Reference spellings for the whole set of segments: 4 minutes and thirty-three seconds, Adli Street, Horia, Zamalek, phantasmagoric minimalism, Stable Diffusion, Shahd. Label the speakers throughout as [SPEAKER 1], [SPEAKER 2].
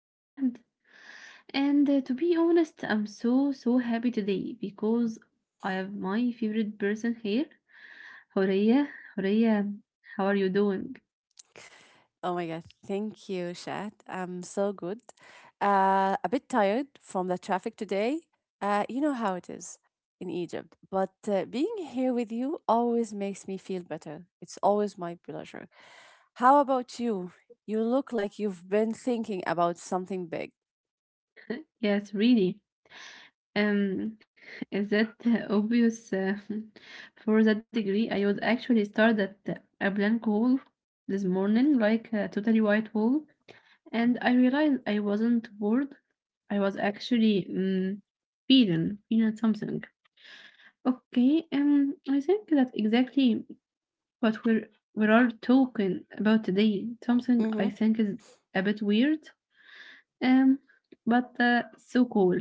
[SPEAKER 1] I'm Shahd, and to be honest, I'm so happy today because I have my favorite person here, Horia. Horia, how are you doing?
[SPEAKER 2] Oh my God, thank you, Shat. I'm so good. A bit tired from the traffic today. You know how it is in Egypt, but being here with you always makes me feel better. It's always my pleasure. How about you? You look like you've been thinking about something big.
[SPEAKER 1] Yes, really. Um, is that obvious? For that degree, I would actually start at a blank wall this morning, like a totally white wall. And I realized I wasn't bored. I was actually feeling something. Okay, I think that's exactly what we are talking about today. Something I
[SPEAKER 2] Mhm.
[SPEAKER 1] think is a bit weird, um, but so cool.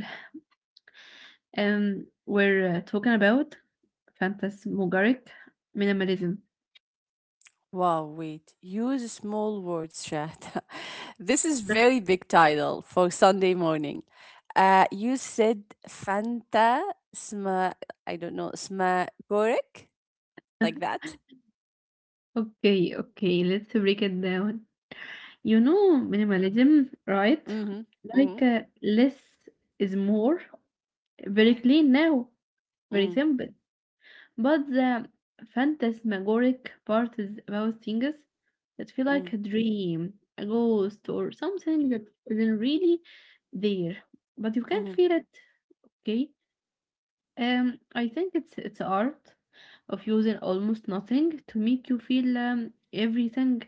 [SPEAKER 1] We're talking about phantasmagoric minimalism.
[SPEAKER 2] Wow, wait. Use small words, Shahda. This is very big title for Sunday morning. You said Fanta sma, I don't know, sma gorek, like that.
[SPEAKER 1] Okay, okay, let's break it down. You know, minimalism, right?
[SPEAKER 2] Mm-hmm. Mm-hmm.
[SPEAKER 1] Like less is more. Very clean now, very
[SPEAKER 2] Mm-hmm.
[SPEAKER 1] simple. But the phantasmagoric part is about things that feel
[SPEAKER 2] Mm-hmm,
[SPEAKER 1] like a dream, a ghost, or something that isn't really there, but you can't
[SPEAKER 2] mm-hmm.
[SPEAKER 1] feel it. Okay. I think it's art of using almost nothing to make you feel everything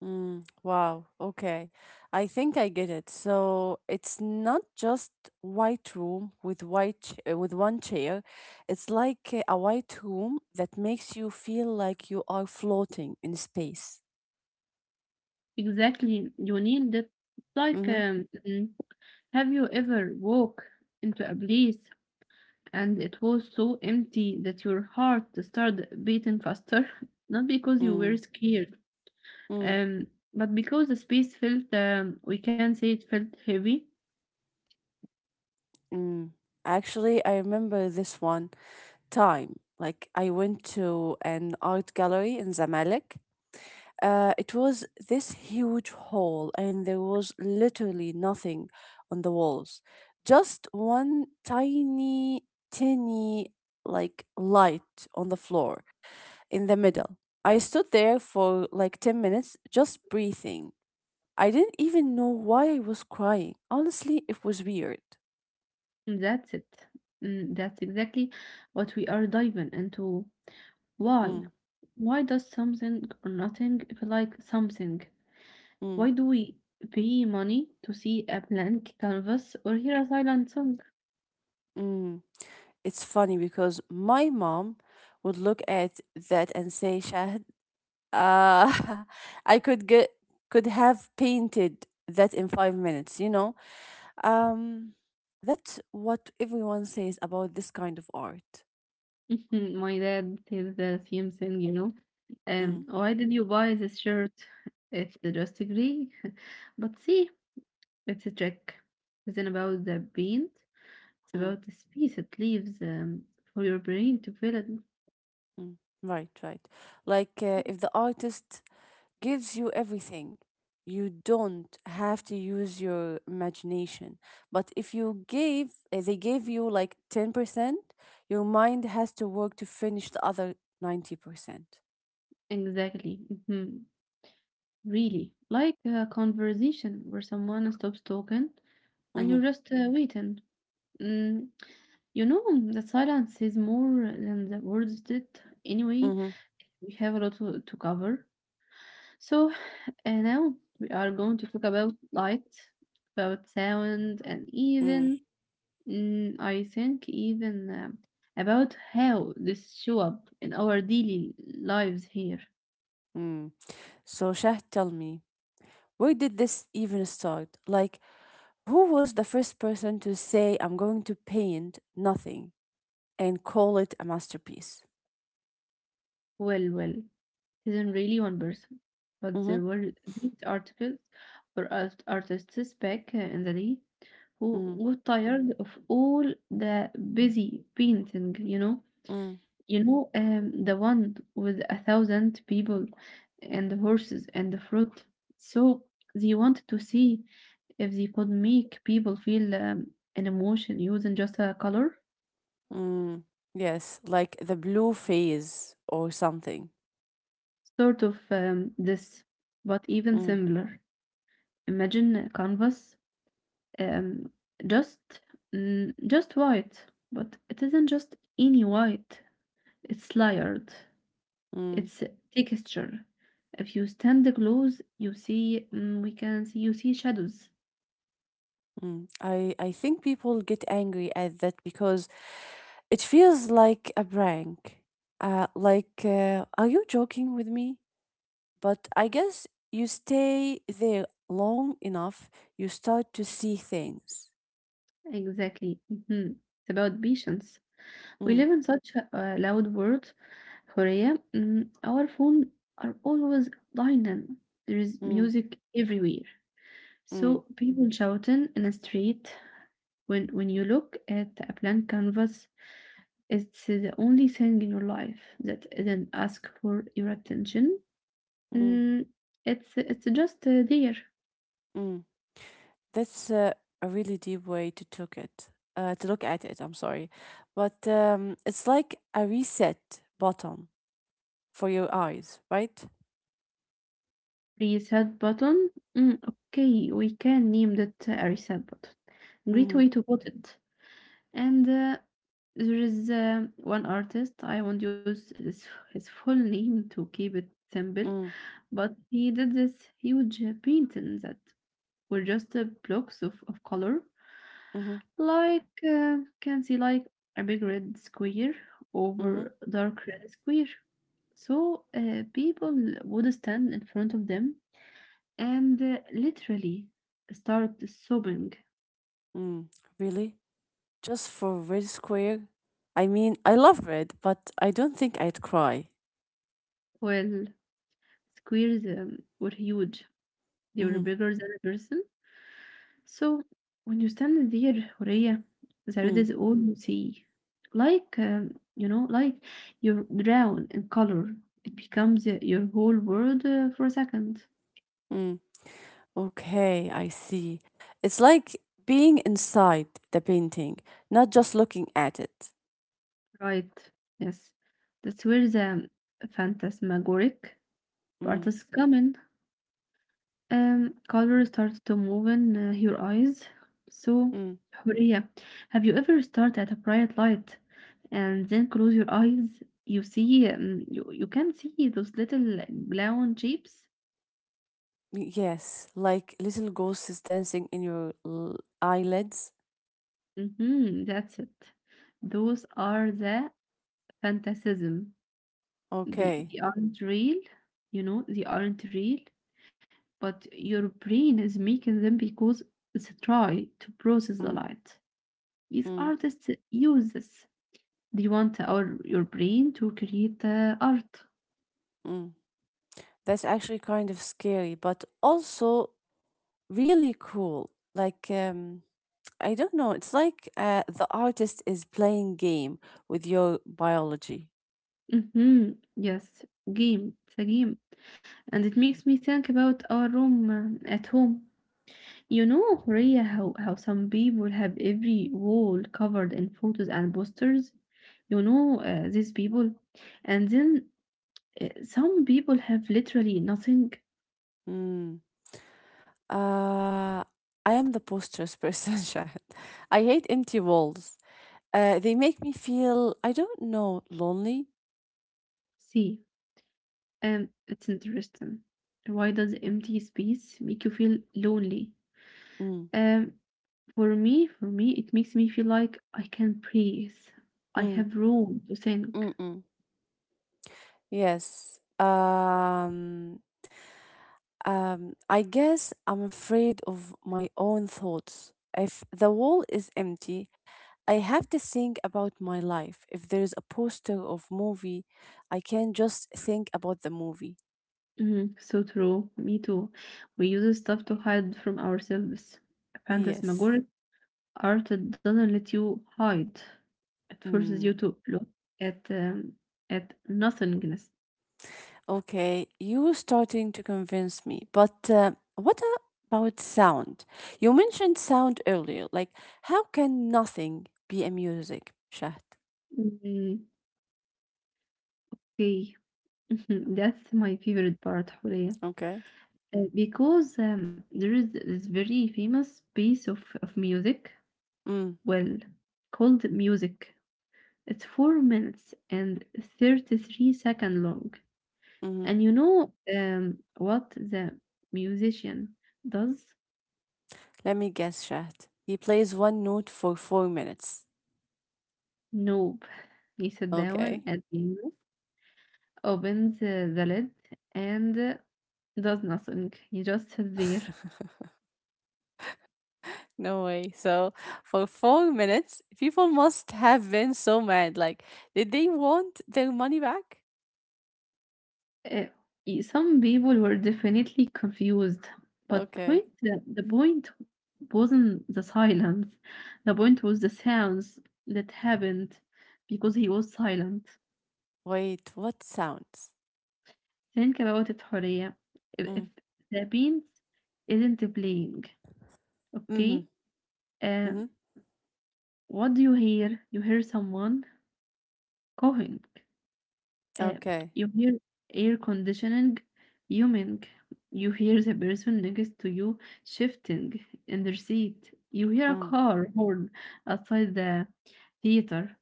[SPEAKER 2] Mm, wow. Okay. I think I get it. So it's not just white room with with one chair. It's like a white room that makes you feel like you are floating in space.
[SPEAKER 1] exactly you need. It's like
[SPEAKER 2] Mm-hmm.
[SPEAKER 1] Have you ever walked into a place and it was so empty that your heart started beating faster? Not because you
[SPEAKER 2] Mm,
[SPEAKER 1] were scared,
[SPEAKER 2] mm,
[SPEAKER 1] um, but because the space felt, we can say it felt heavy.
[SPEAKER 2] mm. Actually, I remember this one time. Like I went to an art gallery in Zamalek. It was this huge hall, and there was literally nothing on the walls. Just one tiny, like light on the floor in the middle. I stood there for like 10 minutes just breathing. I didn't even know why I was crying. Honestly, it was weird.
[SPEAKER 1] That's it. Mm, that's exactly what we are diving into. Why?
[SPEAKER 2] Mm,
[SPEAKER 1] Why does something or nothing feel like something?
[SPEAKER 2] mm,
[SPEAKER 1] Why do we pay money to see a blank canvas or hear a silent song?
[SPEAKER 2] mm. It's funny because my mom would look at that and say, Shahd, uh, I could have painted that in 5 minutes, you know. Um, that's what everyone says about this kind of art.
[SPEAKER 1] My dad said the same thing, you know.
[SPEAKER 2] Mm,
[SPEAKER 1] Why did you buy this shirt? It's just a gray. But see, it's a check. It's not about the paint. It's
[SPEAKER 2] mm,
[SPEAKER 1] about the space it leaves for your brain to fill it.
[SPEAKER 2] mm. Right, right. Like if the artist gives you everything, you don't have to use your imagination. But if you they gave you like 10%, your mind has to work to finish the other 90%.
[SPEAKER 1] Exactly. Hmm. Really. Like a conversation where someone stops talking and
[SPEAKER 2] Mm-hmm,
[SPEAKER 1] you're just waiting. Mm, you know, the silence is more than the words did. Anyway,
[SPEAKER 2] mm-hmm,
[SPEAKER 1] we have a lot to cover. So now we are going to talk about light, about sound, and
[SPEAKER 2] mm,
[SPEAKER 1] even mm, I think even about how this show up in our daily lives here.
[SPEAKER 2] mm. So Shah, tell me, where did this even start? Like, who was the first person to say, I'm going to paint nothing and call it a masterpiece?
[SPEAKER 1] Well, well, it isn't really one person, but
[SPEAKER 2] Mm-hmm.
[SPEAKER 1] there were these articles where artists back in the day who
[SPEAKER 2] Mm,
[SPEAKER 1] got tired of all the busy painting, you know.
[SPEAKER 2] mm,
[SPEAKER 1] You know, the one with a thousand people and the horses and the fruit. So they wanted to see if they could make people feel an emotion using just a color.
[SPEAKER 2] mm. Yes, like the blue phase or something.
[SPEAKER 1] Sort of this, but even
[SPEAKER 2] Mm,
[SPEAKER 1] simpler. Imagine a canvas, um, just just white, but it isn't just any white. It's layered.
[SPEAKER 2] mm,
[SPEAKER 1] It's texture. If you stand close, you see, mm, we can see, you see shadows.
[SPEAKER 2] mm. I think people get angry at that because it feels like a prank. Like, are you joking with me? But I guess you stay there long enough, you start to see things.
[SPEAKER 1] Exactly. Hmm. It's about patience. We live
[SPEAKER 2] Mm,
[SPEAKER 1] in such a loud world, Horea. Mm, our phone are always dying. There is
[SPEAKER 2] mm,
[SPEAKER 1] music everywhere.
[SPEAKER 2] mm,
[SPEAKER 1] So people shouting in the street. When you look at a blank canvas, it's the only thing in your life that doesn't ask for your attention.
[SPEAKER 2] mm,
[SPEAKER 1] Mm, it's just there.
[SPEAKER 2] mm. That's a really deep way to took it, to look at it. I'm sorry, but it's like a reset button for your eyes, right?
[SPEAKER 1] Reset button. Mm, okay, we can name that a reset button. Great
[SPEAKER 2] Mm-hmm.
[SPEAKER 1] way to put it. And there is one artist. I won't use his full name to keep it simple,
[SPEAKER 2] Mm,
[SPEAKER 1] but he did this huge painting that were just blocks of color,
[SPEAKER 2] mm-hmm.
[SPEAKER 1] like can see like a big red square
[SPEAKER 2] Mm-hmm.
[SPEAKER 1] over dark red square. So people would stand in front of them and literally start sobbing.
[SPEAKER 2] Mm. Really? Just for red square? I mean, I love red, but I don't think I'd cry.
[SPEAKER 1] Well, squares were huge, they
[SPEAKER 2] Mm-hmm.
[SPEAKER 1] were bigger than a person. So when you stand there, Horea, there it
[SPEAKER 2] Mm.
[SPEAKER 1] is all you see. Like, you know, like you're drowned in color. It becomes your whole world for a second.
[SPEAKER 2] Mm. Okay, I see. It's like being inside the painting, not just looking at it.
[SPEAKER 1] Right. Yes. That's where the phantasmagoric part
[SPEAKER 2] Mm,
[SPEAKER 1] is coming. Color starts to move in your eyes. So,
[SPEAKER 2] mm.
[SPEAKER 1] Huria, have you ever stared at a bright light and then close your eyes? You see, you can see those little brown shapes.
[SPEAKER 2] Yes, like little ghosts dancing in your eyelids.
[SPEAKER 1] Mm-hmm, that's it. Those are the fantasism. They,
[SPEAKER 2] Okay.
[SPEAKER 1] they aren't real, you know, they aren't real, but your brain is making them because it's a try to process the
[SPEAKER 2] Mm,
[SPEAKER 1] light. These
[SPEAKER 2] mm,
[SPEAKER 1] artists use this. Do you want our your brain to create art?
[SPEAKER 2] mm. That's actually kind of scary, but also really cool. Like, I don't know, it's like the artist is playing game with your biology.
[SPEAKER 1] Mm-hmm. Yes, game. It's a game, and it makes me think about our room at home. You know, Rhea, how some people have every wall covered in photos and posters. You know, these people, and then some people have literally nothing.
[SPEAKER 2] Mm. Uh, I am the postures person, Shahad. I hate empty walls. They make me feel, I don't know, lonely.
[SPEAKER 1] See, and it's interesting. Why does empty space make you feel lonely?
[SPEAKER 2] Mm,
[SPEAKER 1] Um, for me, it makes me feel like I can breathe. I
[SPEAKER 2] mm,
[SPEAKER 1] have room to think.
[SPEAKER 2] mm, mm. Yes. I guess I'm afraid of my own thoughts. If the wall is empty, I have to think about my life. If there's a poster of movie, I can just think about the movie.
[SPEAKER 1] Mhm, so true. Me too. We use stuff to hide from ourselves.
[SPEAKER 2] Yes.
[SPEAKER 1] Phantasmagoric art doesn't let you hide. It forces
[SPEAKER 2] Mm.
[SPEAKER 1] you to look at um, at nothingness.
[SPEAKER 2] Okay, you starting to convince me, but what about sound? You mentioned sound earlier. Like, how can nothing be a music, Shahd?
[SPEAKER 1] Mm, okay, that's my favorite part, Horea.
[SPEAKER 2] Okay.
[SPEAKER 1] Because there is this very famous piece of music,
[SPEAKER 2] Mm,
[SPEAKER 1] well, called music. It's 4 minutes and 33 seconds long.
[SPEAKER 2] mm-hmm.
[SPEAKER 1] And you know what the musician does?
[SPEAKER 2] Let me guess, Shahd. He plays one note for 4 minutes.
[SPEAKER 1] Nope. He sat down
[SPEAKER 2] Okay.
[SPEAKER 1] at the piano, opens the lid, and does nothing. He just sat there.
[SPEAKER 2] No way. So, for 4 minutes, people must have been so mad. Like, did they want their money back?
[SPEAKER 1] Uh, some people were definitely confused, but
[SPEAKER 2] Okay.
[SPEAKER 1] the point wasn't the silence. The point was the sounds that happened because he was silent.
[SPEAKER 2] Wait, what sounds?
[SPEAKER 1] Think about it, Horia. If
[SPEAKER 2] Mm,
[SPEAKER 1] the beans isn't playing,
[SPEAKER 2] mm-hmm,
[SPEAKER 1] okay,
[SPEAKER 2] mm-hmm.
[SPEAKER 1] uh, what do you hear? You hear someone coughing. Uh,
[SPEAKER 2] Okay.
[SPEAKER 1] you hear air conditioning humming. You hear the person next to you shifting in their seat. You hear a
[SPEAKER 2] Mm.
[SPEAKER 1] car horn outside the theater.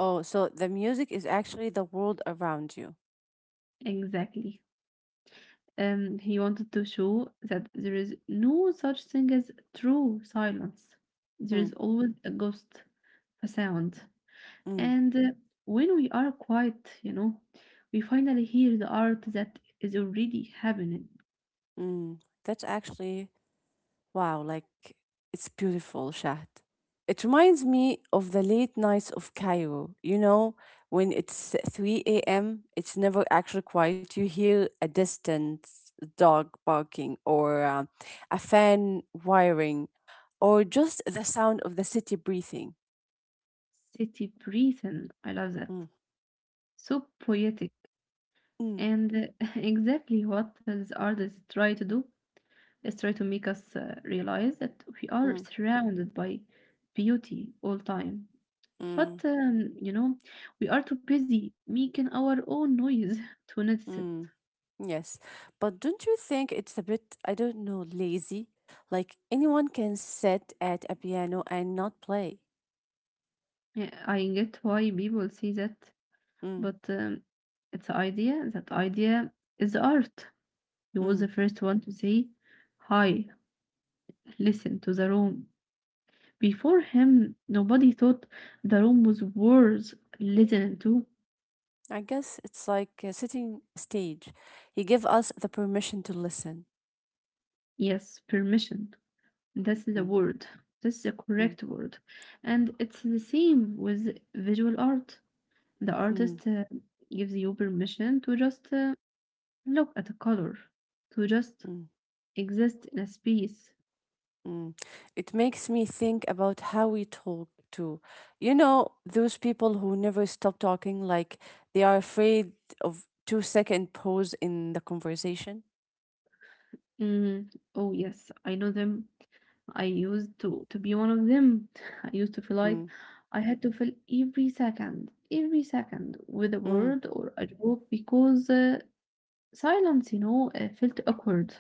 [SPEAKER 2] Oh, so the music is actually the world around you.
[SPEAKER 1] Exactly. He wanted to show that there is no such thing as true silence. There
[SPEAKER 2] Hmm.
[SPEAKER 1] is always a ghost, a sound.
[SPEAKER 2] Mm,
[SPEAKER 1] And when we are quiet, you know, we finally hear the art that is already happening.
[SPEAKER 2] mm. That's actually wow, like it's beautiful, Shahd. It reminds me of the late nights of Cairo. You know, when it's 3 a.m., it's never actually quiet. You hear a distant dog barking or a fan whirring or just the sound of the city breathing.
[SPEAKER 1] City breathing. I love that.
[SPEAKER 2] Mm,
[SPEAKER 1] So poetic.
[SPEAKER 2] mm,
[SPEAKER 1] And exactly what these artists try to do is try to make us realize that we are
[SPEAKER 2] mm,
[SPEAKER 1] surrounded by beauty all time. But,
[SPEAKER 2] mm,
[SPEAKER 1] you know, we are too busy making our own noise to notice it.
[SPEAKER 2] mm. Yes, but don't you think it's a bit, I don't know, lazy? Like anyone can sit at a piano and not play.
[SPEAKER 1] Yeah, I get why people say that,
[SPEAKER 2] Mm,
[SPEAKER 1] but it's an idea. That idea is the art. He was the
[SPEAKER 2] mm.
[SPEAKER 1] first one to say, hi, listen to the room. Before him, nobody thought the room was worth listening to.
[SPEAKER 2] I guess it's like sitting stage. He gave us the permission to listen.
[SPEAKER 1] Yes, permission. That's the
[SPEAKER 2] Mm,
[SPEAKER 1] word. That's the
[SPEAKER 2] mm,
[SPEAKER 1] correct word. And it's the same with visual art. The
[SPEAKER 2] mm,
[SPEAKER 1] artist gives you permission to just look at a color, to just
[SPEAKER 2] mm,
[SPEAKER 1] exist in a space.
[SPEAKER 2] mm. It makes me think about how we talk too. You know, those people who never stop talking, like they are afraid of 2 second pause in the conversation.
[SPEAKER 1] Mm, oh yes, I know them. I used to be one of them. I used to feel like
[SPEAKER 2] Mm,
[SPEAKER 1] I had to fill every second with a
[SPEAKER 2] mm.
[SPEAKER 1] word or a joke because silence, you know, felt awkward.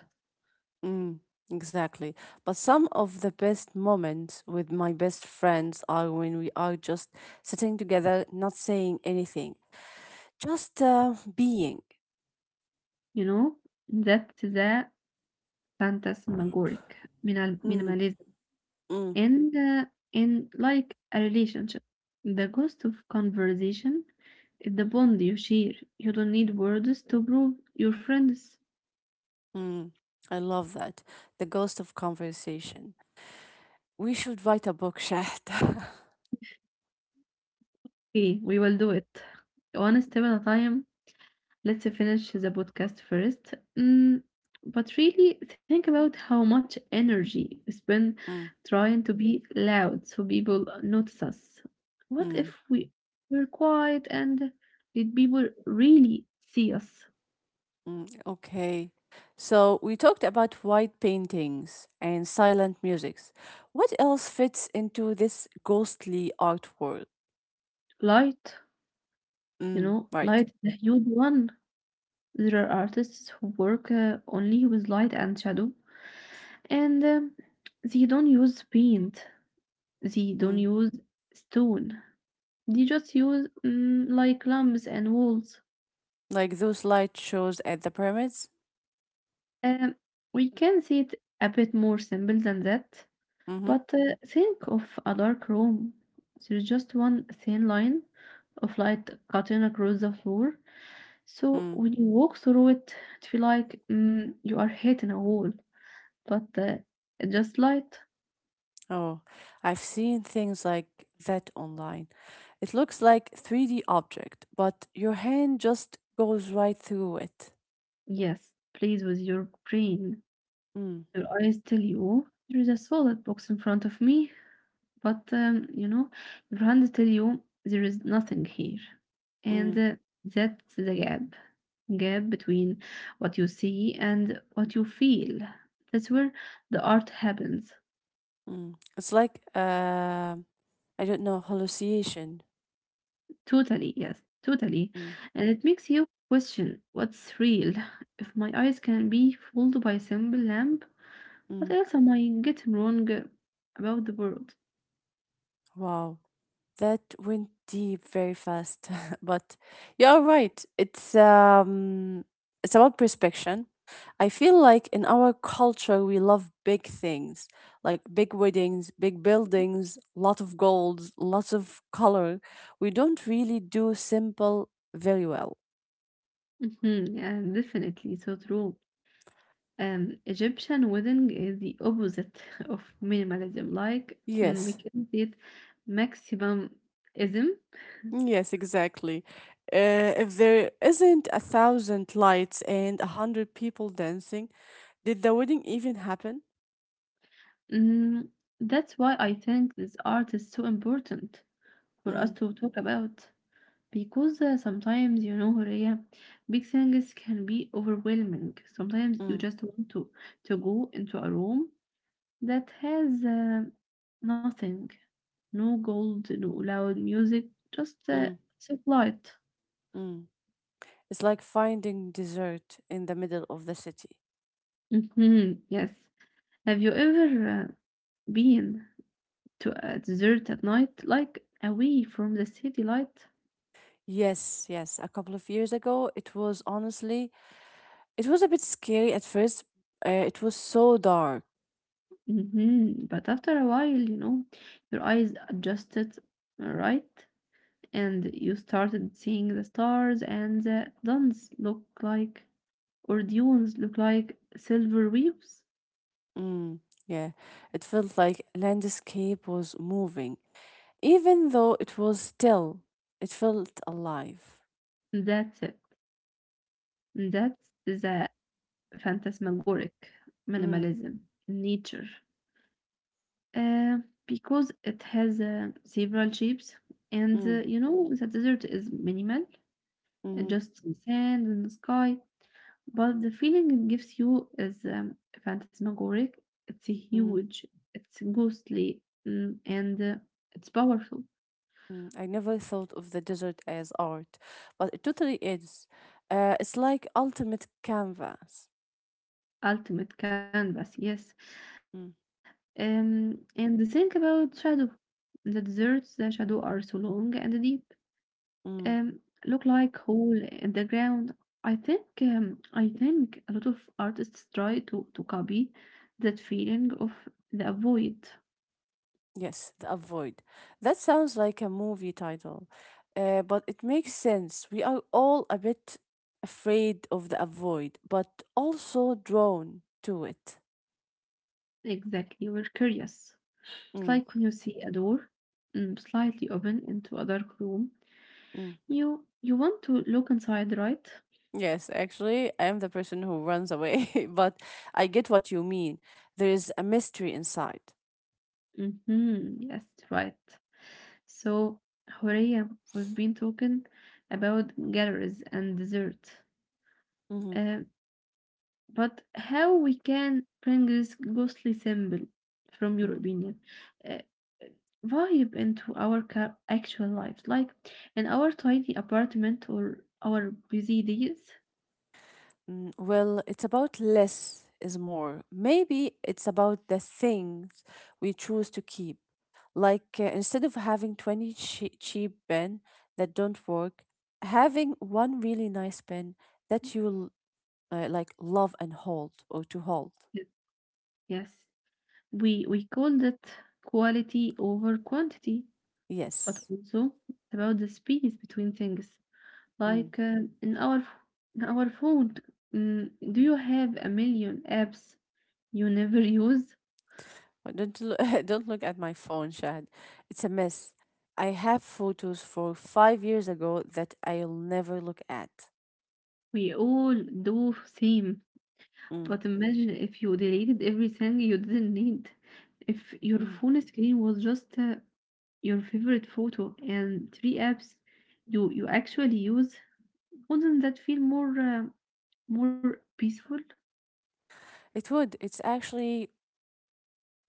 [SPEAKER 2] Mm, exactly. But some of the best moments with my best friends are when we are just sitting together, not saying anything, just being.
[SPEAKER 1] You know, that's the phantasmagoric
[SPEAKER 2] Mm,
[SPEAKER 1] minimalism.
[SPEAKER 2] mm,
[SPEAKER 1] And in like a relationship, the cost of conversation is the bond you share. You don't need words to prove your friends.
[SPEAKER 2] mm. I love that. The ghost of conversation. We should write a book, Shahd.
[SPEAKER 1] Okay, we will do it one step at a time. Let's finish the podcast first. But really think about how much energy we spend
[SPEAKER 2] Mm,
[SPEAKER 1] trying to be loud so people notice us. What
[SPEAKER 2] mm,
[SPEAKER 1] if we were quiet and did people really see us?
[SPEAKER 2] mm. Okay. So we talked about white paintings and silent musics. What else fits into this ghostly art world?
[SPEAKER 1] Light. You
[SPEAKER 2] Mm,
[SPEAKER 1] know,
[SPEAKER 2] right.
[SPEAKER 1] light is a huge one. There are artists who work only with light and shadow, and they don't use paint, they don't
[SPEAKER 2] Mm.
[SPEAKER 1] use stone, they just use like lamps and walls.
[SPEAKER 2] Like those light shows at the pyramids?
[SPEAKER 1] Um, we can see it a bit more simple than that.
[SPEAKER 2] Mm-hmm.
[SPEAKER 1] But think of a dark room. There's just one thin line of light cutting across the floor. So
[SPEAKER 2] Mm.
[SPEAKER 1] when you walk through it, it feel like you are hitting a wall, but it's just light.
[SPEAKER 2] Oh, I've seen things like that online. It looks like 3D object, but your hand just goes right through it.
[SPEAKER 1] Yes, please with your brain.
[SPEAKER 2] Mm,
[SPEAKER 1] Your eyes tell you there is a solid box in front of me. But you know, your hand tell you there is nothing here, and
[SPEAKER 2] mm,
[SPEAKER 1] that's the gap between what you see and what you feel. That's where the art happens.
[SPEAKER 2] mm. It's like I don't know, hallucination.
[SPEAKER 1] Totally, yes, totally,
[SPEAKER 2] Mm,
[SPEAKER 1] and it makes you question what's real. If my eyes can be fooled by a simple lamp, what
[SPEAKER 2] mm.
[SPEAKER 1] else am I getting wrong about the world?
[SPEAKER 2] Wow. That went deep very fast, but you are right. It's it's about prospection. I feel like in our culture we love big things, like big weddings, big buildings, lot of gold, lots of color. We don't really do simple very well.
[SPEAKER 1] Hmm, yeah, definitely, so true. Egyptian wedding is the opposite of minimalism. Like we
[SPEAKER 2] Yes,
[SPEAKER 1] can see it maximalism.
[SPEAKER 2] yes, exactly. If there isn't a thousand lights and a hundred people dancing, did the wedding even happen?
[SPEAKER 1] Mm, that's why I think this art is so important for us
[SPEAKER 2] Mm,
[SPEAKER 1] to talk about because sometimes you know, Horea, big things can be overwhelming. Sometimes you
[SPEAKER 2] mm,
[SPEAKER 1] just want to go into a room that has nothing, no gold, no loud music, just
[SPEAKER 2] mm.
[SPEAKER 1] soft light.
[SPEAKER 2] Mm. It's like finding dessert in the middle of the city.
[SPEAKER 1] Mhm, yes. Have you ever been to a desert at night, like away from the city light?
[SPEAKER 2] Yes, yes. A couple of years ago, it was honestly, it was a bit scary at first. It was so dark.
[SPEAKER 1] Hmm, but after a while, you know, your eyes adjusted, right? And you started seeing the stars, and the dunes look like silver waves.
[SPEAKER 2] Mm, yeah, it felt like landscape was moving, even though it was still. It felt alive.
[SPEAKER 1] That's it. That's the phantasmagoric
[SPEAKER 2] Mm,
[SPEAKER 1] minimalism in nature. Uh, because it has several shapes, and
[SPEAKER 2] mm,
[SPEAKER 1] the desert is minimal,
[SPEAKER 2] mm,
[SPEAKER 1] just some sand and the sky. But the feeling it gives you is phantasmagoric. It's
[SPEAKER 2] mm,
[SPEAKER 1] huge, it's ghostly, mm, and it's powerful.
[SPEAKER 2] mm. I never thought of the desert as art, but it totally is. It's like ultimate canvas.
[SPEAKER 1] Ultimate canvas, yes.
[SPEAKER 2] Mm,
[SPEAKER 1] And think about shadow. The deserts, the shadow are so long and deep.
[SPEAKER 2] mm.
[SPEAKER 1] Um, Look like hole in the ground. I think a lot of artists try to copy that feeling of the void.
[SPEAKER 2] Yes, the avoid. That sounds like a movie title, but it makes sense. We are all a bit afraid of the avoid, but also drawn to it.
[SPEAKER 1] Exactly, we're curious. It's
[SPEAKER 2] Mm,
[SPEAKER 1] like when you see a door slightly open into a dark room,
[SPEAKER 2] mm.
[SPEAKER 1] you want to look inside, right?
[SPEAKER 2] Yes, actually, I am the person who runs away, but I get what you mean. There is a mystery inside.
[SPEAKER 1] Mm-hmm. Yes, right. So, Horia, we've been talking about galleries and dessert.
[SPEAKER 2] Mm-hmm.
[SPEAKER 1] But how we can bring this ghostly symbol, from your
[SPEAKER 2] Mm.
[SPEAKER 1] opinion, uh, vibe into our actual lives, like in our tiny apartment or our busy days?
[SPEAKER 2] Mm, well, it's about less is more. Maybe it's about the things we choose to keep. Like instead of having 20 cheap pen that don't work, having one really nice pen that you'll like love and hold or to hold.
[SPEAKER 1] Yes, yes. We call that quality over quantity, but
[SPEAKER 2] Yes.
[SPEAKER 1] also it's about the space between things.
[SPEAKER 2] Mm.
[SPEAKER 1] Like uh, in our f- in our phone, mm, do you have a million apps you never use?
[SPEAKER 2] But don't don't look at my phone, Shad. It's a mess. I have photos for 5 years ago that I'll never look at.
[SPEAKER 1] We all do same.
[SPEAKER 2] Mm.
[SPEAKER 1] But imagine if you deleted everything you didn't need. If your
[SPEAKER 2] Mm.
[SPEAKER 1] phone screen was just your favorite photo and three apps you actually use, wouldn't that feel more more peaceful?
[SPEAKER 2] It would. It's actually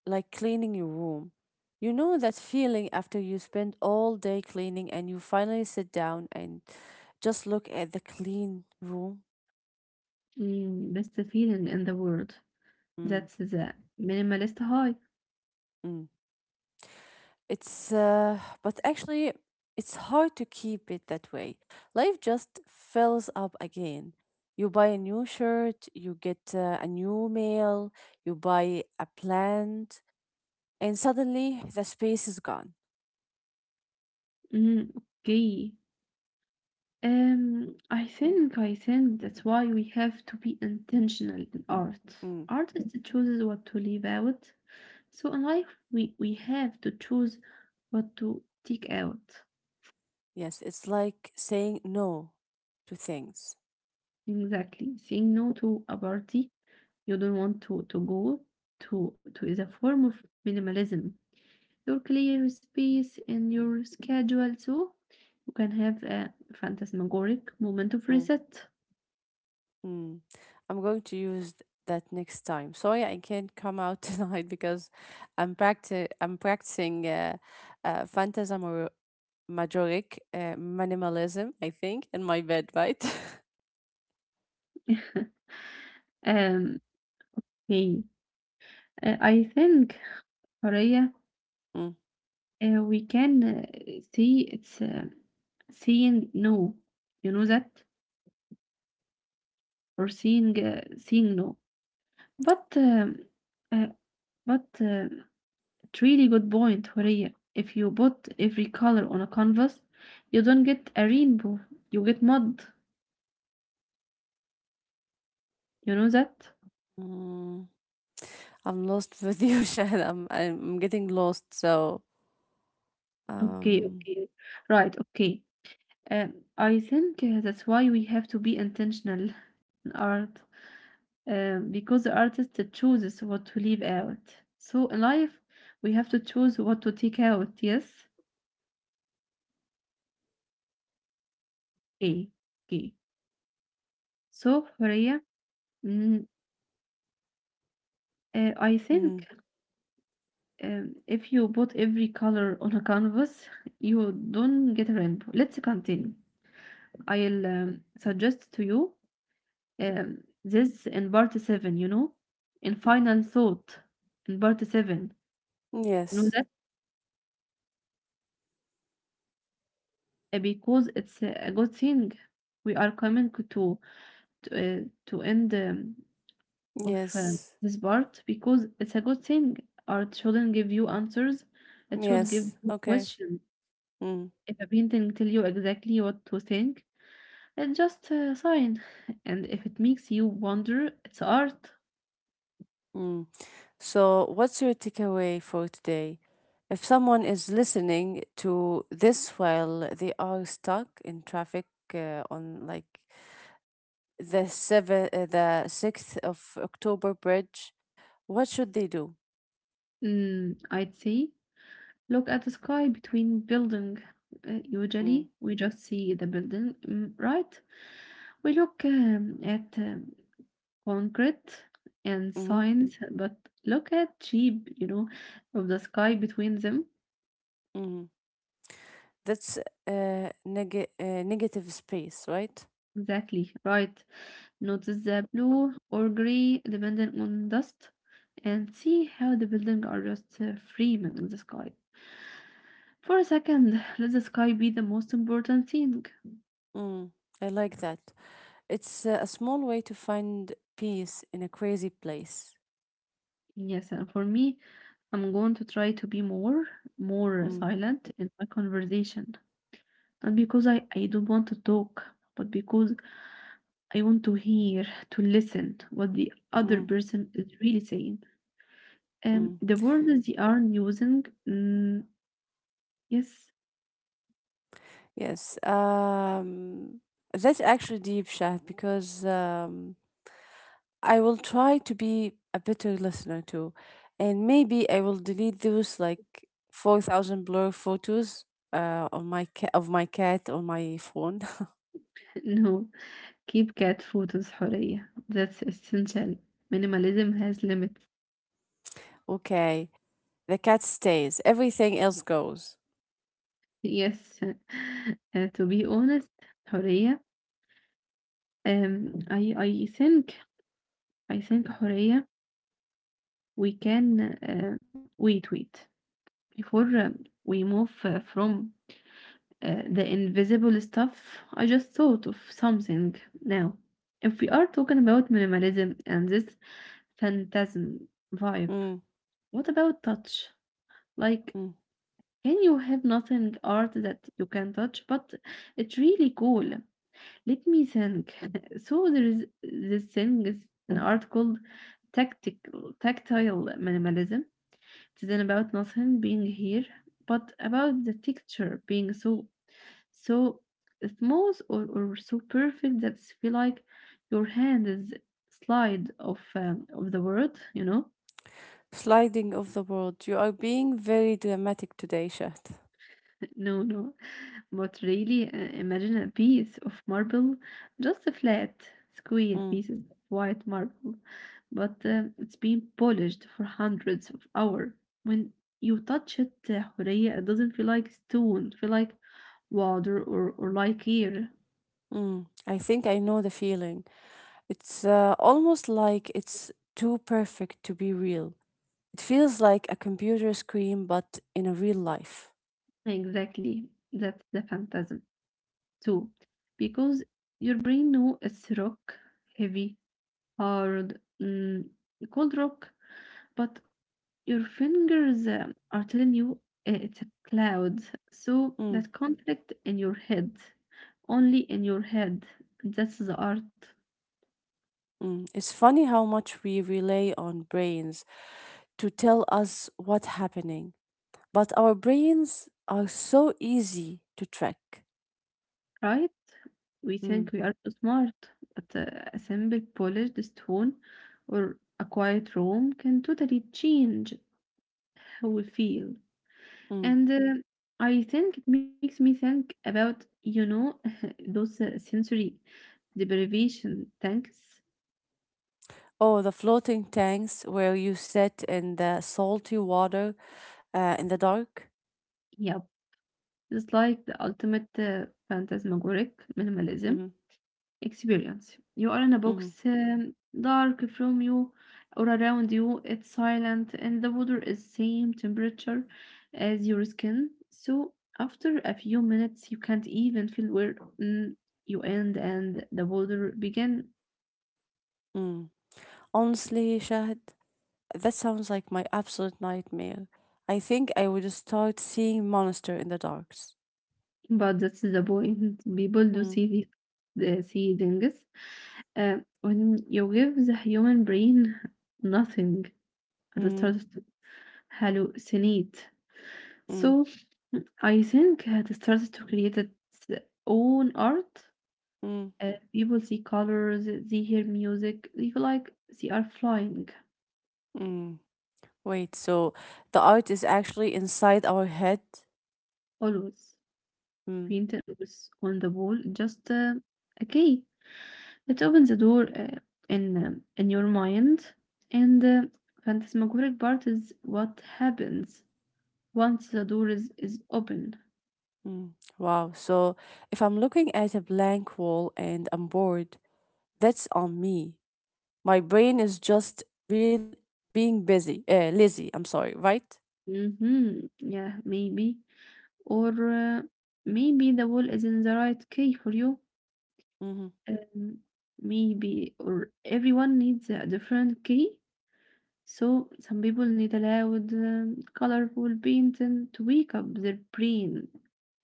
[SPEAKER 2] like cleaning your room. You know that feeling after you spend all day cleaning and you finally sit down and just look at the clean room?
[SPEAKER 1] إمم، best feeling in the world.
[SPEAKER 2] Mm,
[SPEAKER 1] That's the minimalist high.
[SPEAKER 2] mm. It's, but actually, it's hard to keep it that way. Life just fills up again. You buy a new shirt, you get a new mail, you buy a plant, and suddenly the space is gone.
[SPEAKER 1] Mm, okay. I think that's why we have to be intentional in art.
[SPEAKER 2] Mm.
[SPEAKER 1] Artist chooses what to leave out. So in life, we have to choose what to take out.
[SPEAKER 2] Yes, it's like saying no to things.
[SPEAKER 1] Exactly. Saying no to a party you don't want to go to is a form of minimalism. Your clear space in your schedule so you can have a phantasmagoric moment of
[SPEAKER 2] Mm.
[SPEAKER 1] reset.
[SPEAKER 2] Mm. I'm going to use that next time. Sorry, I can't come out tonight because I'm practicing phantasm majoric minimalism, I think, in my bed, right?
[SPEAKER 1] um, okay. Uh, I think, Horea,
[SPEAKER 2] Mm.
[SPEAKER 1] we can see it's seeing no, you know that, or seeing seeing no. But um, uh, but it's really good point, Horea. If you put every color on a canvas, you don't get a rainbow, you get mud. You know that?
[SPEAKER 2] Mm. I'm lost with you, Shahad. I'm getting lost. So,
[SPEAKER 1] Okay,
[SPEAKER 2] um,
[SPEAKER 1] okay. Right, okay. I think That's why we have to be intentional in art, because the artist chooses what to leave out. So in life, we have to choose what to take out, yes? Okay, okay. So, Horia, mm, I think
[SPEAKER 2] mm.
[SPEAKER 1] if you put every color on a canvas, you don't get a rainbow. Let's continue. I'll suggest to you this in part 7, you know, in final thought, in part 7, you know
[SPEAKER 2] Yes,
[SPEAKER 1] that because it's a good thing. We are coming to end of
[SPEAKER 2] yes,
[SPEAKER 1] this part because it's a good thing. Art shouldn't give you answers, it should give
[SPEAKER 2] yes.
[SPEAKER 1] you
[SPEAKER 2] Okay.
[SPEAKER 1] questions.
[SPEAKER 2] Mm.
[SPEAKER 1] If a painting tell you exactly what to think, it's just a sign. And if it makes you wonder, it's art.
[SPEAKER 2] Mm. So, what's your takeaway for today? If someone is listening to this while they are stuck in traffic on like the 6th of October bridge, what should they do?
[SPEAKER 1] Mm, I'd say look at the sky between building.
[SPEAKER 2] Mm.
[SPEAKER 1] Usually, we just see the building, mm, right? We look at concrete and
[SPEAKER 2] Hmm.
[SPEAKER 1] signs, but look at sheep, you know, of the sky between them.
[SPEAKER 2] Hmm. That's negative space, right?
[SPEAKER 1] Exactly, right. Notice the blue or gray depending on dust and see how the buildings are just framing in the sky. For a second, let the sky be the most important thing.
[SPEAKER 2] Mm. I like that. It's a small way to find peace in a crazy place.
[SPEAKER 1] Yes, and for me, I'm going to try to be more, more
[SPEAKER 2] Mm.
[SPEAKER 1] silent in my conversation. Not because I don't want to talk, but because I want to hear, to listen what the other
[SPEAKER 2] Mm.
[SPEAKER 1] person is really saying.
[SPEAKER 2] Mm.
[SPEAKER 1] The words they aren't using, mm, yes.
[SPEAKER 2] Yes, that's actually deep chat because I will try to be a better listener too, and maybe I will delete those like 4,000 blur photos on my of my cat on my phone.
[SPEAKER 1] No, keep cat photos, with حرية. That's essential. Minimalism has limits.
[SPEAKER 2] Okay, the cat stays. Everything else goes.
[SPEAKER 1] Yes. To be honest, حرية. Um, I I think I think حرية. We can wait before we move from the invisible stuff. I just thought of something now. If we are talking about minimalism and this phantasm vibe,
[SPEAKER 2] Mm,
[SPEAKER 1] what about touch? Like
[SPEAKER 2] mm.
[SPEAKER 1] can you have nothing art that you can touch? But it's really cool. Let me think. So there is this thing is an art called tactical tactile minimalism. It isn't about nothing being here, but about the texture being so smooth or so perfect that it's feel like your hand is slide of the world, you know.
[SPEAKER 2] Sliding of the world. You are being very dramatic today, Shat.
[SPEAKER 1] No, no, but really imagine a piece of marble, just a flat, square
[SPEAKER 2] Mm,
[SPEAKER 1] pieces of white marble, but it's been polished for hundreds of hours. When you touch it, Horea, it doesn't feel like stone, feel like water or like air.
[SPEAKER 2] mm. I think I know the feeling. It's almost like it's too perfect to be real. It feels like a computer screen, but in a real life.
[SPEAKER 1] Exactly, that's the phantasm too, because your brain know it's rock, heavy, hard, mm, cold rock, but your fingers are telling you it's a cloud. So
[SPEAKER 2] Mm,
[SPEAKER 1] that conflict in your head, only in your head, that's the art,
[SPEAKER 2] mm. It's funny how much we rely on brains to tell us what's happening, but our brains are so easy to track.
[SPEAKER 1] right? We think
[SPEAKER 2] Mm,
[SPEAKER 1] we are so smart, but a simple polished stone or a quiet room can totally change how we feel.
[SPEAKER 2] mm.
[SPEAKER 1] And I think it makes me think about, you know, those sensory deprivation tanks.
[SPEAKER 2] Oh, the floating tanks where you sit in the salty water in the dark.
[SPEAKER 1] Yep. It's like the ultimate phantasmagoric minimalism
[SPEAKER 2] Mm-hmm,
[SPEAKER 1] experience. You are in a
[SPEAKER 2] mm-hmm,
[SPEAKER 1] box, dark from you or around you. It's silent, and the water is same temperature as your skin. So after a few minutes, you can't even feel where mm, you end and the water begin.
[SPEAKER 2] mm. Honestly, Shahad. That sounds like my absolute nightmare. I think I would start seeing monster in the darks.
[SPEAKER 1] But that's the point. People do see
[SPEAKER 2] Mm,
[SPEAKER 1] the see things uh, when you give the human brain nothing at the
[SPEAKER 2] mm,
[SPEAKER 1] start hallucinate.
[SPEAKER 2] mm,
[SPEAKER 1] So I think had started to create its own art.
[SPEAKER 2] mm,
[SPEAKER 1] People see colors, they hear music, they feel like they are flying.
[SPEAKER 2] mm. Wait, so the art is actually inside our head?
[SPEAKER 1] Always
[SPEAKER 2] Mm,
[SPEAKER 1] painted was on the wall, just okay. It opens the door in your mind, and phantasmagoric part is what happens once the door is open.
[SPEAKER 2] mm. Wow. So if I'm looking at a blank wall and I'm bored, that's on me. My brain is just real being busy, lazy, I'm sorry, right?
[SPEAKER 1] Mm-hmm. Yeah, maybe or maybe the wall isn't the right key for you.
[SPEAKER 2] Mm-hmm.
[SPEAKER 1] Um, Maybe or everyone needs a different key. So some people need a loud, colorful painting to wake up their brain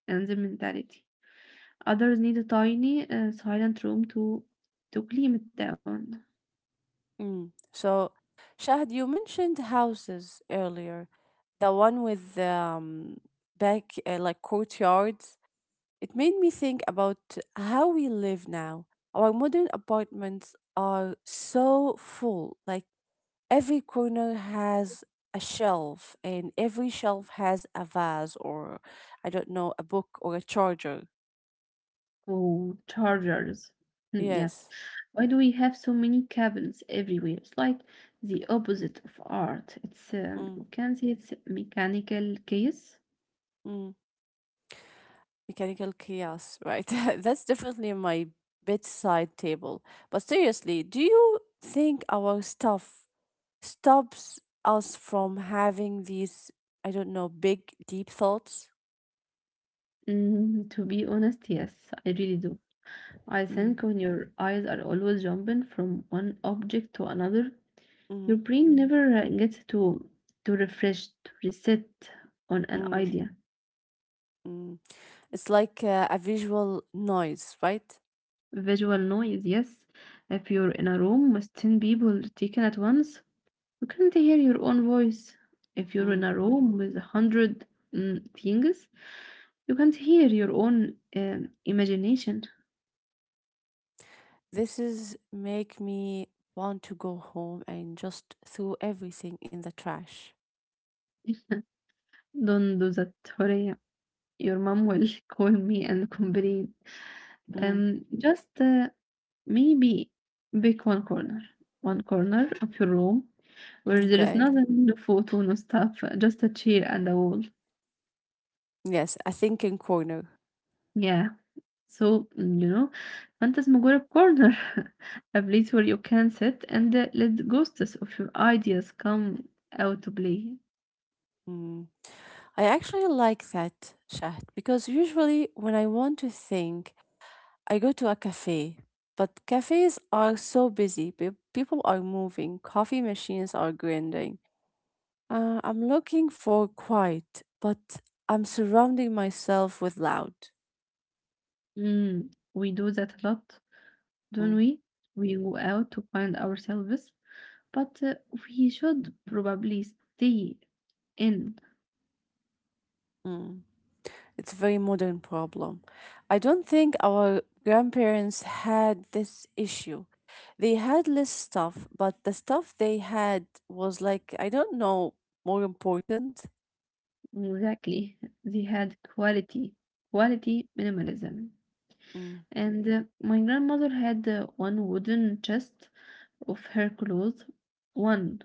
[SPEAKER 1] and their mentality. Others need a tiny, silent room to calm it down.
[SPEAKER 2] Mm. So, Shahd, you mentioned houses earlier, the one with back like courtyards. It made me think about how we live now. Our modern apartments are so full. Like every corner has a shelf, and every shelf has a vase or I don't know, a book or a charger.
[SPEAKER 1] Oh, chargers. Hmm, yes.
[SPEAKER 2] Yes.
[SPEAKER 1] Why do we have so many cabinets everywhere? It's like the opposite of art. It's
[SPEAKER 2] Mm.
[SPEAKER 1] we can say it's mechanical case.
[SPEAKER 2] mm. Mechanical chaos, right? That's definitely my bedside table. But seriously, do you think our stuff stops us from having these, I don't know, big, deep thoughts?
[SPEAKER 1] Mm, to be honest, yes, I really do. I
[SPEAKER 2] Mm,
[SPEAKER 1] think when your eyes are always jumping from one object to another, your
[SPEAKER 2] mm,
[SPEAKER 1] brain never gets to refresh, to reset on an
[SPEAKER 2] mm,
[SPEAKER 1] idea.
[SPEAKER 2] mm. It's like a visual noise, right?
[SPEAKER 1] Visual noise, yes. If you're in a room with ten people taken at once you can't hear your own voice. If you're
[SPEAKER 2] Mm.
[SPEAKER 1] in a room with a hundred mm, things, you can't hear your own imagination.
[SPEAKER 2] This is make me want to go home and just throw everything in the trash.
[SPEAKER 1] Don't do that, Horea. Your mom will call me and complain.
[SPEAKER 2] Mm,
[SPEAKER 1] Just Maybe pick one corner of your room where there is
[SPEAKER 2] okay.
[SPEAKER 1] nothing, no photo, no stuff, just a chair and a wall.
[SPEAKER 2] Yes, a thinking corner.
[SPEAKER 1] Yeah. So, mm, you know, فانت مجرد corner a place where you can sit and let ghosts of your ideas come out to play.
[SPEAKER 2] Mm. I actually like that chat because usually when I want to think, I go to a cafe. But cafes are so busy. People are moving. Coffee machines are grinding. I'm looking for quiet, but I'm surrounding myself with loud.
[SPEAKER 1] Mm, we do that a lot, don't
[SPEAKER 2] Mm,
[SPEAKER 1] we? We go out to find ourselves, but we should probably stay in.
[SPEAKER 2] mm. It's a very modern problem. I don't think our grandparents had this issue. They had less stuff, but the stuff they had was like, I don't know, more important.
[SPEAKER 1] Exactly. They had quality, quality minimalism.
[SPEAKER 2] Mm,
[SPEAKER 1] And My grandmother had one wooden chest of her clothes one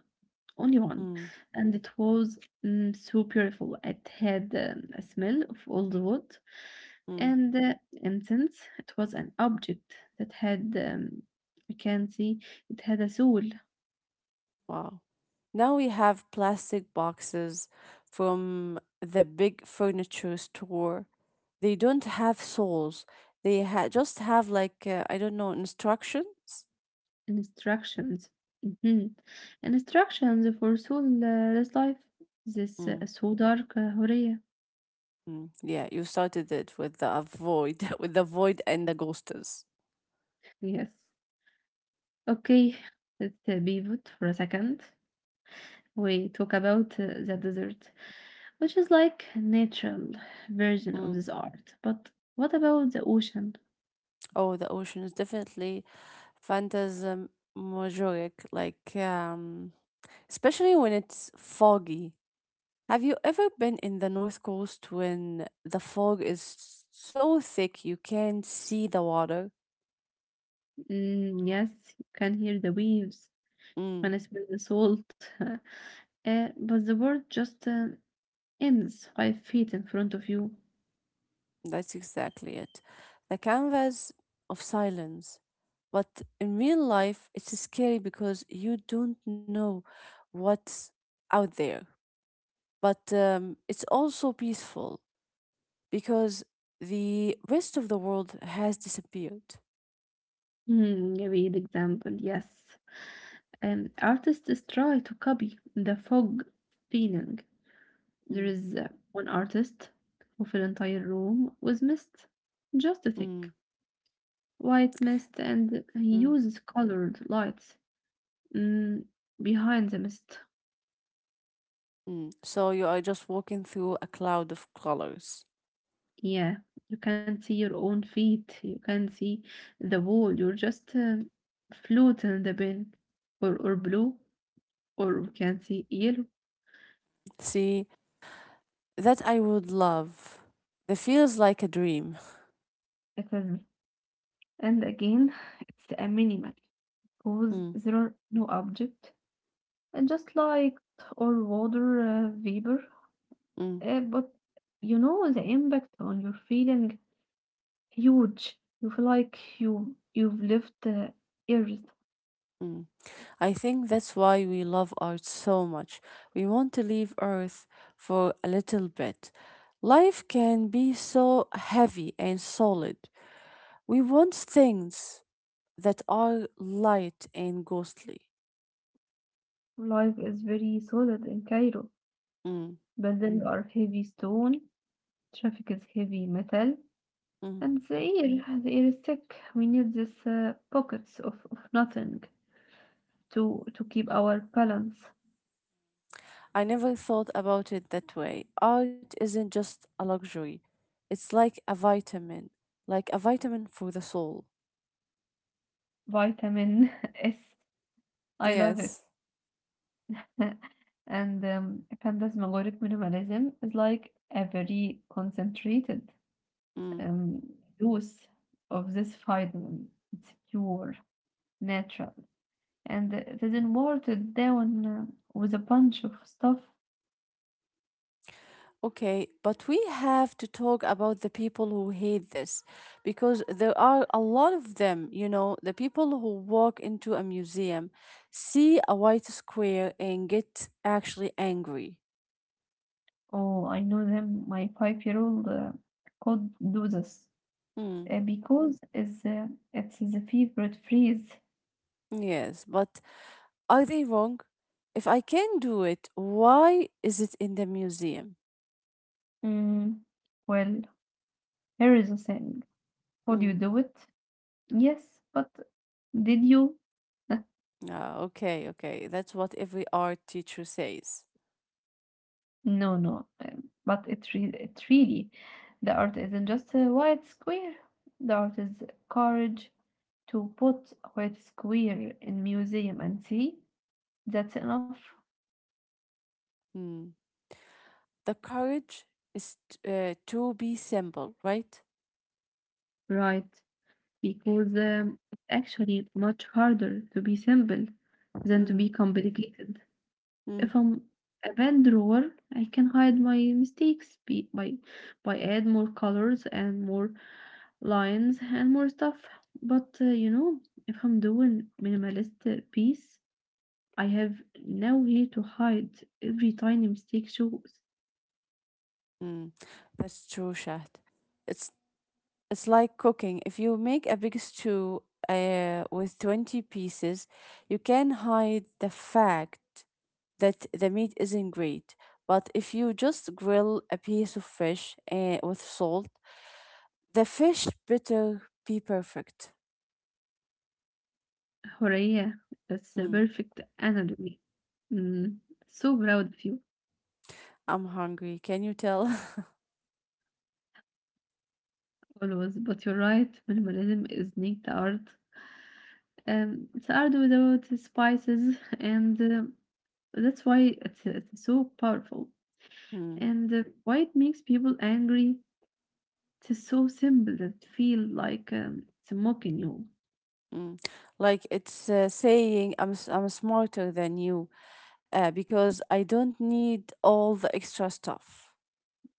[SPEAKER 1] only one,
[SPEAKER 2] mm,
[SPEAKER 1] and it was mm, so beautiful. It had a smell of old wood
[SPEAKER 2] mm.
[SPEAKER 1] and incense. It was an object that had, you can see, it had a soul
[SPEAKER 2] Wow. Now we have plastic boxes from the big furniture store. They don't have souls. They just have like, I don't know, instructions.
[SPEAKER 1] instructions. Mhm. Instructions for soul this life. This
[SPEAKER 2] Mm.
[SPEAKER 1] so dark, Horea.
[SPEAKER 2] Mm, yeah, you started it with the void, with the void and the ghosters.
[SPEAKER 1] Yes. Okay, let's pivot for a second. We talk about the desert, which is like a natural version of
[SPEAKER 2] Mm.
[SPEAKER 1] this art. But what about the ocean?
[SPEAKER 2] Oh, the ocean is definitely phantasmagoric, like especially when it's foggy. Have you ever been in the North Coast when the fog is so thick you can't see the water?
[SPEAKER 1] Mm, yes, you can hear the waves,
[SPEAKER 2] Mm.
[SPEAKER 1] when I smell the salt, but the world just ends 5 feet in front of you.
[SPEAKER 2] That's exactly it. The canvas of silence. But in real life, it's scary because you don't know what's out there. But it's also peaceful because the rest of the world has disappeared.
[SPEAKER 1] Hmm, a real example, yes. Artists try to copy the fog feeling. There
[SPEAKER 2] Mm,
[SPEAKER 1] is one artist who filled entire room with mist, just a
[SPEAKER 2] mm,
[SPEAKER 1] thick. White mist and he
[SPEAKER 2] mm,
[SPEAKER 1] uses colored lights mm, behind the mist.
[SPEAKER 2] mm. So you are just walking through a cloud of colors.
[SPEAKER 1] Yeah, you can see your own feet, you can see the wall, you're just floating in the bin, or blue, or you can see yellow.
[SPEAKER 2] See, that I would love. That feels like a dream.
[SPEAKER 1] It is me. And again, it's a minimal because there are no object and just light or water vapor.
[SPEAKER 2] Mm,
[SPEAKER 1] But you know the impact on your feeling huge. You feel like you've lived Earth.
[SPEAKER 2] mm. I think that's why we love art so much. We want to leave Earth for a little bit. Life can be so heavy and solid. We want things that are light and ghostly.
[SPEAKER 1] Life is very solid in Cairo.
[SPEAKER 2] Mm,
[SPEAKER 1] Buildings Mm. are heavy stone, traffic is heavy metal,
[SPEAKER 2] mm.
[SPEAKER 1] and the air is thick. We need these pockets of nothing to keep our balance.
[SPEAKER 2] I never thought about it that way. Art isn't just a luxury, it's like a vitamin for the soul.
[SPEAKER 1] Vitamin S. I love
[SPEAKER 2] Yes.
[SPEAKER 1] it. and Phantasmagoric minimalism is like a very concentrated
[SPEAKER 2] Mm.
[SPEAKER 1] um, juice of this vitamin. It's pure, natural, and it isn't watered down with a bunch of stuff.
[SPEAKER 2] Okay, but we have to talk about the people who hate this because there are a lot of them, you know, the people who walk into a museum, see a white square, and get actually angry.
[SPEAKER 1] Oh, I know them. My five-year-old could do this,
[SPEAKER 2] Hmm,
[SPEAKER 1] because it's the favorite phrase.
[SPEAKER 2] yes, but are they wrong? If I can do it, why is it in the museum?
[SPEAKER 1] Mm, well, here is a thing. Could
[SPEAKER 2] Hmm.
[SPEAKER 1] you do it? Yes, but did you?
[SPEAKER 2] Ah, okay, okay, that's what every art teacher says.
[SPEAKER 1] No, no, But it really, the art isn't just a white square. The art is courage to put a white square in museum and see that's enough.
[SPEAKER 2] Hmm. The courage is to be simple, right?
[SPEAKER 1] Right, because it's actually much harder to be simple than to
[SPEAKER 2] Mm.
[SPEAKER 1] be complicated.
[SPEAKER 2] Mm,
[SPEAKER 1] If I'm a bad drawer, I can hide my mistakes by add more colors and more lines and more stuff. But you know, if I'm doing minimalist piece, I have nowhere to hide. Every tiny mistake shows
[SPEAKER 2] mm. That's true, Shahd. It's it's like cooking. If you make a big stew with 20 pieces, you can hide the fact that the meat isn't great. But if you just grill a piece of fish with salt, the fish better be perfect.
[SPEAKER 1] حرية. That's the
[SPEAKER 2] Mm,
[SPEAKER 1] perfect analogy. Mm, so proud of you
[SPEAKER 2] I'm hungry. Can you tell?
[SPEAKER 1] always. But you're right, minimalism is not the art. It's hard without spices, and that's why it's so powerful.
[SPEAKER 2] Mm,
[SPEAKER 1] And why it makes people angry? It's so simple that it feel like it's mocking you.
[SPEAKER 2] mm. Like it's saying I'm smarter than you. Uh, because I don't need all the extra stuff.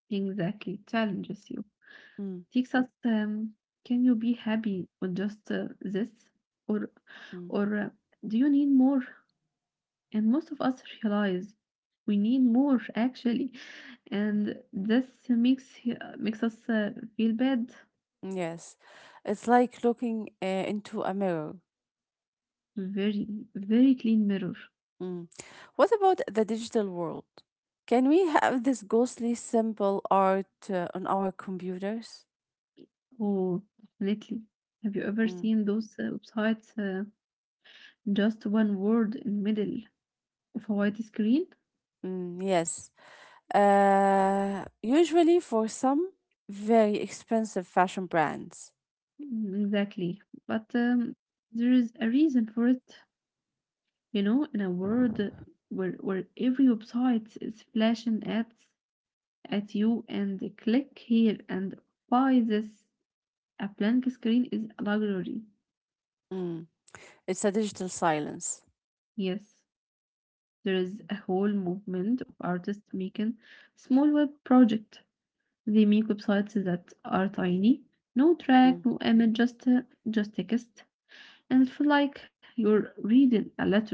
[SPEAKER 1] Exactly, challenges you.
[SPEAKER 2] Mm,
[SPEAKER 1] Takes us. Can you be happy with just this, or
[SPEAKER 2] mm,
[SPEAKER 1] or do you need more? And most of us realize we need more actually, and this makes us feel bad.
[SPEAKER 2] yes, it's like looking into a mirror.
[SPEAKER 1] Very, very clean mirror.
[SPEAKER 2] Mm. What about the digital world? Can we have this ghostly simple art on our computers?
[SPEAKER 1] Oh, definitely. Have you ever
[SPEAKER 2] Mm,
[SPEAKER 1] seen those websites? Just one word in middle of a white screen?
[SPEAKER 2] yes, usually for some very expensive fashion brands.
[SPEAKER 1] Mm, exactly. But there is a reason for it. You know, in a world where every website is flashing ads at you and click here and buy this, a blank screen is a luxury.
[SPEAKER 2] Mm. It's a digital silence.
[SPEAKER 1] Yes, there is a whole movement of artists making small web project. They make websites that are tiny, no
[SPEAKER 2] Mm,
[SPEAKER 1] track, no image, just text, and it feel like you're reading a letter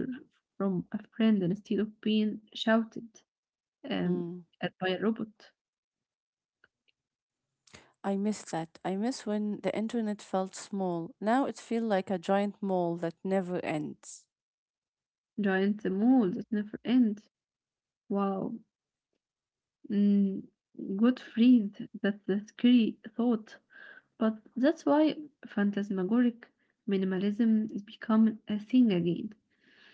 [SPEAKER 1] from a friend instead of being shouted um,
[SPEAKER 2] mm.
[SPEAKER 1] at by a robot.
[SPEAKER 2] I miss that. I miss when the internet felt small. Now it feels like a giant mall that never ends.
[SPEAKER 1] Giant mole that never end. Wow. Mm, good freed. That's a scary thought. But that's why phantasmagoric minimalism is becoming a thing again.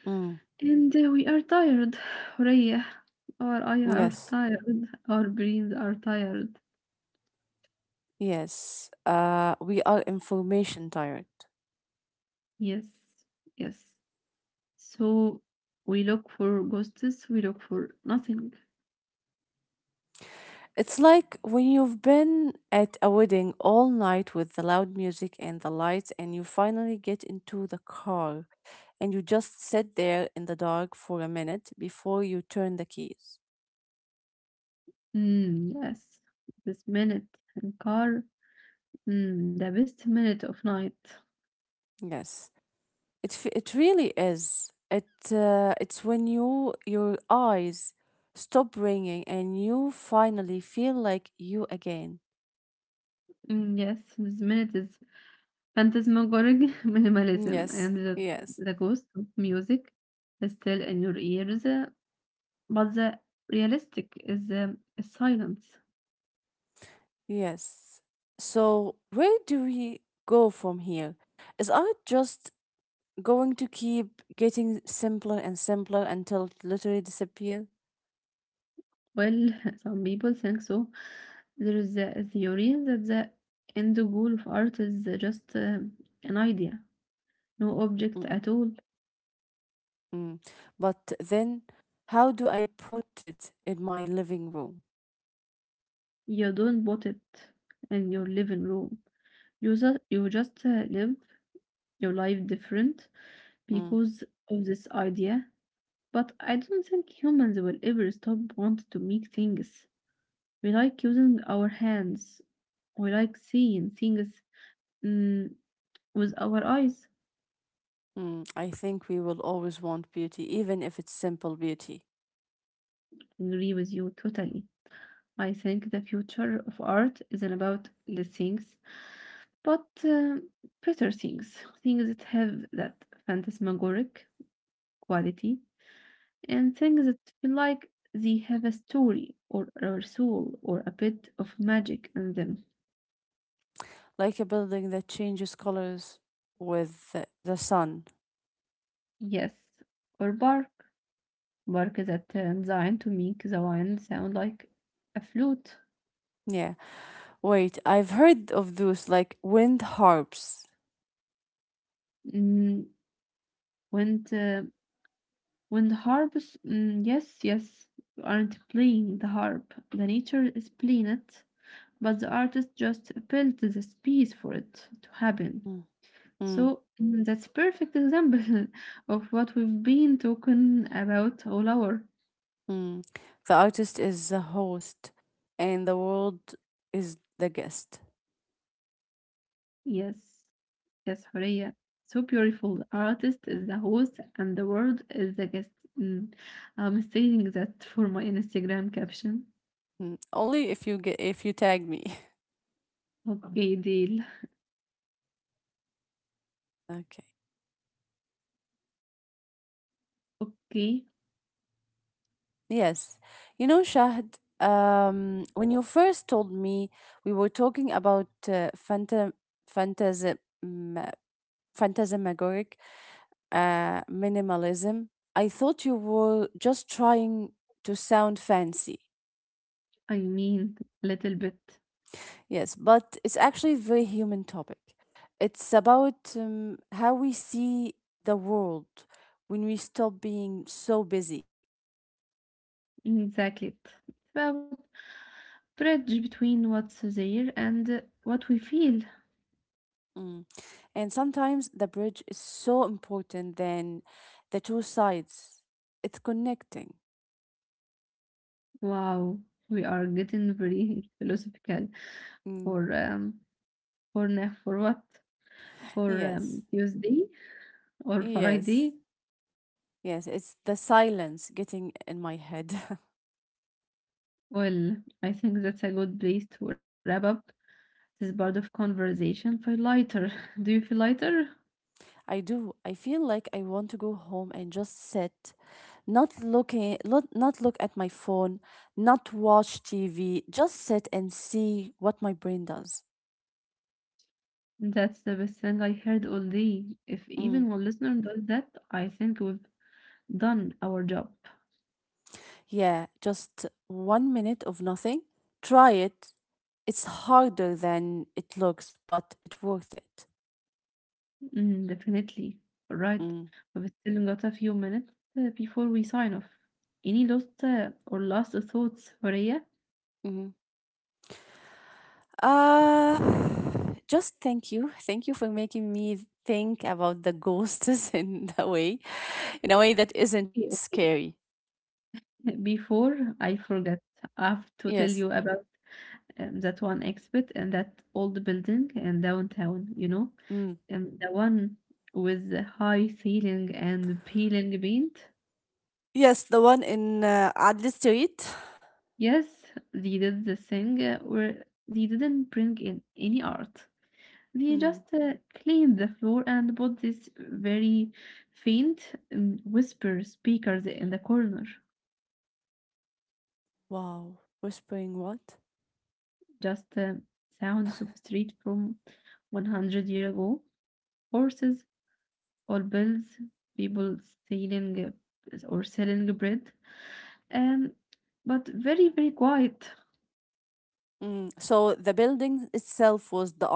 [SPEAKER 2] Mm,
[SPEAKER 1] And we are tired. Reyah. Our eyes are
[SPEAKER 2] yes,
[SPEAKER 1] tired. Our brains are tired.
[SPEAKER 2] yes. We are information tired.
[SPEAKER 1] Yes. Yes. So we look for ghosts. We look for nothing.
[SPEAKER 2] It's like when you've been at a wedding all night with the loud music and the lights, and you finally get into the car and you just sit there in the dark for a minute before you turn the keys.
[SPEAKER 1] Mm, yes. This minute in car. Mm, the best minute of night.
[SPEAKER 2] Yes. It really is. It's when your eyes stop ringing and you finally feel like you again.
[SPEAKER 1] Mm, yes. This minute is phantasmagoric minimalism.
[SPEAKER 2] Yes,
[SPEAKER 1] And the,
[SPEAKER 2] yes,
[SPEAKER 1] the ghost of music is still in your ears. But the realistic is the is silence.
[SPEAKER 2] yes. So where do we go from here? Is art just going to keep getting simpler and simpler until it literally disappears?
[SPEAKER 1] Well, some people think so. There is a theory that the end goal of art is just an idea, no object at all.
[SPEAKER 2] Mm-mm. But then, how do I put it in my living room?
[SPEAKER 1] You don't bought it in your living room. You just live your life different
[SPEAKER 2] Mm.
[SPEAKER 1] because of this idea, but I don't think humans will ever stop wanting to make things. We like using our hands. We like seeing things, mm, with our eyes.
[SPEAKER 2] Mm, I think we will always want beauty, even if it's simple beauty,
[SPEAKER 1] I agree with you totally. I think the future of art isn't about the things, but better things, things that have that phantasmagoric quality and things that feel like they have a story or a soul or a bit of magic in them.
[SPEAKER 2] like a building that changes colors with the sun.
[SPEAKER 1] Yes, or bark. Bark is a designed to make the wine sound like a flute.
[SPEAKER 2] Yeah. Wait, I've heard of those like wind harps.
[SPEAKER 1] Mm, when the when the harps, mm, yes, yes, aren't playing the harp. The nature is playing it, but the artist just built the space for it to happen.
[SPEAKER 2] Mm, mm,
[SPEAKER 1] So, mm, that's perfect example of what we've been talking about all hour.
[SPEAKER 2] mm. The artist is the host, and the world is the guest.
[SPEAKER 1] Yes, yes, Horea. So beautiful. The artist
[SPEAKER 2] Mm,
[SPEAKER 1] is the host and the world is the guest. Mm, I'm saying that for my Instagram caption.
[SPEAKER 2] mm. Only if you get if you tag me.
[SPEAKER 1] Okay, deal.
[SPEAKER 2] Okay.
[SPEAKER 1] Okay,
[SPEAKER 2] Yes. You know, Shahd, when you first told me we were talking about phantasm, mm, phantasmagoric minimalism, I thought you were just trying to sound fancy.
[SPEAKER 1] I mean a little bit.
[SPEAKER 2] Yes, but it's actually a very human topic. It's about how we see the world when we stop being so busy.
[SPEAKER 1] Exactly. It's about bridge between what's there and what we feel.
[SPEAKER 2] Mm. And sometimes the bridge is so important than the two sides. It's connecting.
[SPEAKER 1] Wow, we are getting very philosophical.
[SPEAKER 2] Mm.
[SPEAKER 1] for, um, for what? For
[SPEAKER 2] Yes.
[SPEAKER 1] Tuesday or Friday.
[SPEAKER 2] Yes. Yes. It's the silence getting in my head.
[SPEAKER 1] Well, I think that's a good place to wrap up this part of conversation. Feel lighter. Do you feel lighter?
[SPEAKER 2] I do. I feel like I want to go home and just sit, not looking, not look at my phone, not watch TV, just sit and see what my brain does.
[SPEAKER 1] That's the best thing I heard all day. If
[SPEAKER 2] Mm.
[SPEAKER 1] even one listener does that, I think we've done our job.
[SPEAKER 2] Yeah, just one minute of nothing. Try it. It's harder than it looks, but it's worth it.
[SPEAKER 1] Mm, definitely. All right.
[SPEAKER 2] Mm.
[SPEAKER 1] We've still got a few minutes before we sign off. Any last or last thoughts, Maria?
[SPEAKER 2] Hmm. Uh, just thank you. Thank you for making me think about the ghosts in a way that isn't scary.
[SPEAKER 1] Before I forget, I have to tell
[SPEAKER 2] Yes.
[SPEAKER 1] you about that one exhibit and that old building in downtown, you know,
[SPEAKER 2] Mm.
[SPEAKER 1] the one with the high ceiling and peeling paint.
[SPEAKER 2] Yes, the one in Adli Street.
[SPEAKER 1] Yes, they did the thing where they didn't bring in any art. They
[SPEAKER 2] Mm.
[SPEAKER 1] just cleaned the floor and put these very faint whisper speakers in the corner.
[SPEAKER 2] Wow. Whispering what?
[SPEAKER 1] Just sounds of street from 100 year ago. Horses or bills, people selling or selling bread, um, but very, very quiet.
[SPEAKER 2] Mm. So the building itself was the art.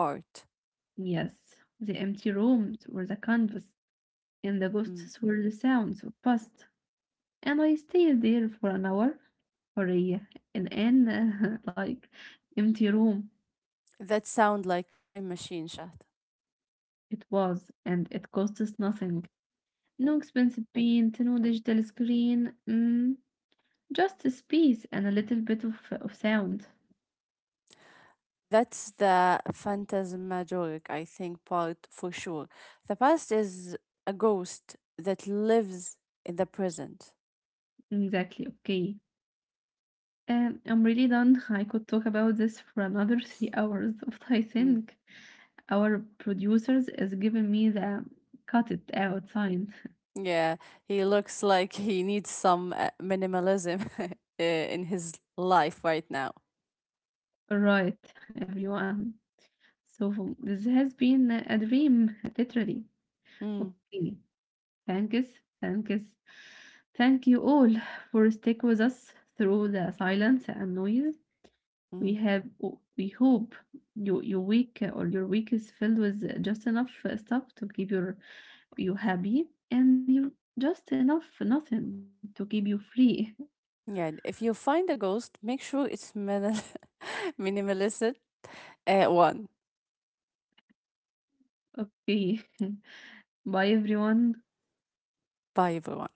[SPEAKER 1] Yes, the empty rooms or the canvas, and the
[SPEAKER 2] Mm.
[SPEAKER 1] ghosts were the sounds of past. And I stayed there for an hour, for a, an like empty room.
[SPEAKER 2] That sound like a time machine, Shahd.
[SPEAKER 1] It was, and it cost us nothing. No expensive paint, no digital screen, mm,
[SPEAKER 2] Mm.
[SPEAKER 1] just a space and a little bit of sound.
[SPEAKER 2] That's the phantasmagoric, I think, part for sure. The past is a ghost that lives in the present.
[SPEAKER 1] Exactly, okay. I'm really done. I could talk about this for another 3 hours, but I
[SPEAKER 2] Mm.
[SPEAKER 1] think our producers is giving me the cut it out sign.
[SPEAKER 2] Yeah, he looks like he needs some minimalism in his life right now.
[SPEAKER 1] Right, everyone. So this has been a dream, literally.
[SPEAKER 2] Mm.
[SPEAKER 1] Okay, thanks, thanks. Thank you all for stick with us through the silence and noise.
[SPEAKER 2] Mm.
[SPEAKER 1] We have we hope your week or your week is filled with just enough stuff to keep you happy and you just enough nothing to keep you free
[SPEAKER 2] Yeah, if you find a ghost, make sure it's minimalistic. One.
[SPEAKER 1] okay bye everyone
[SPEAKER 2] Bye, everyone.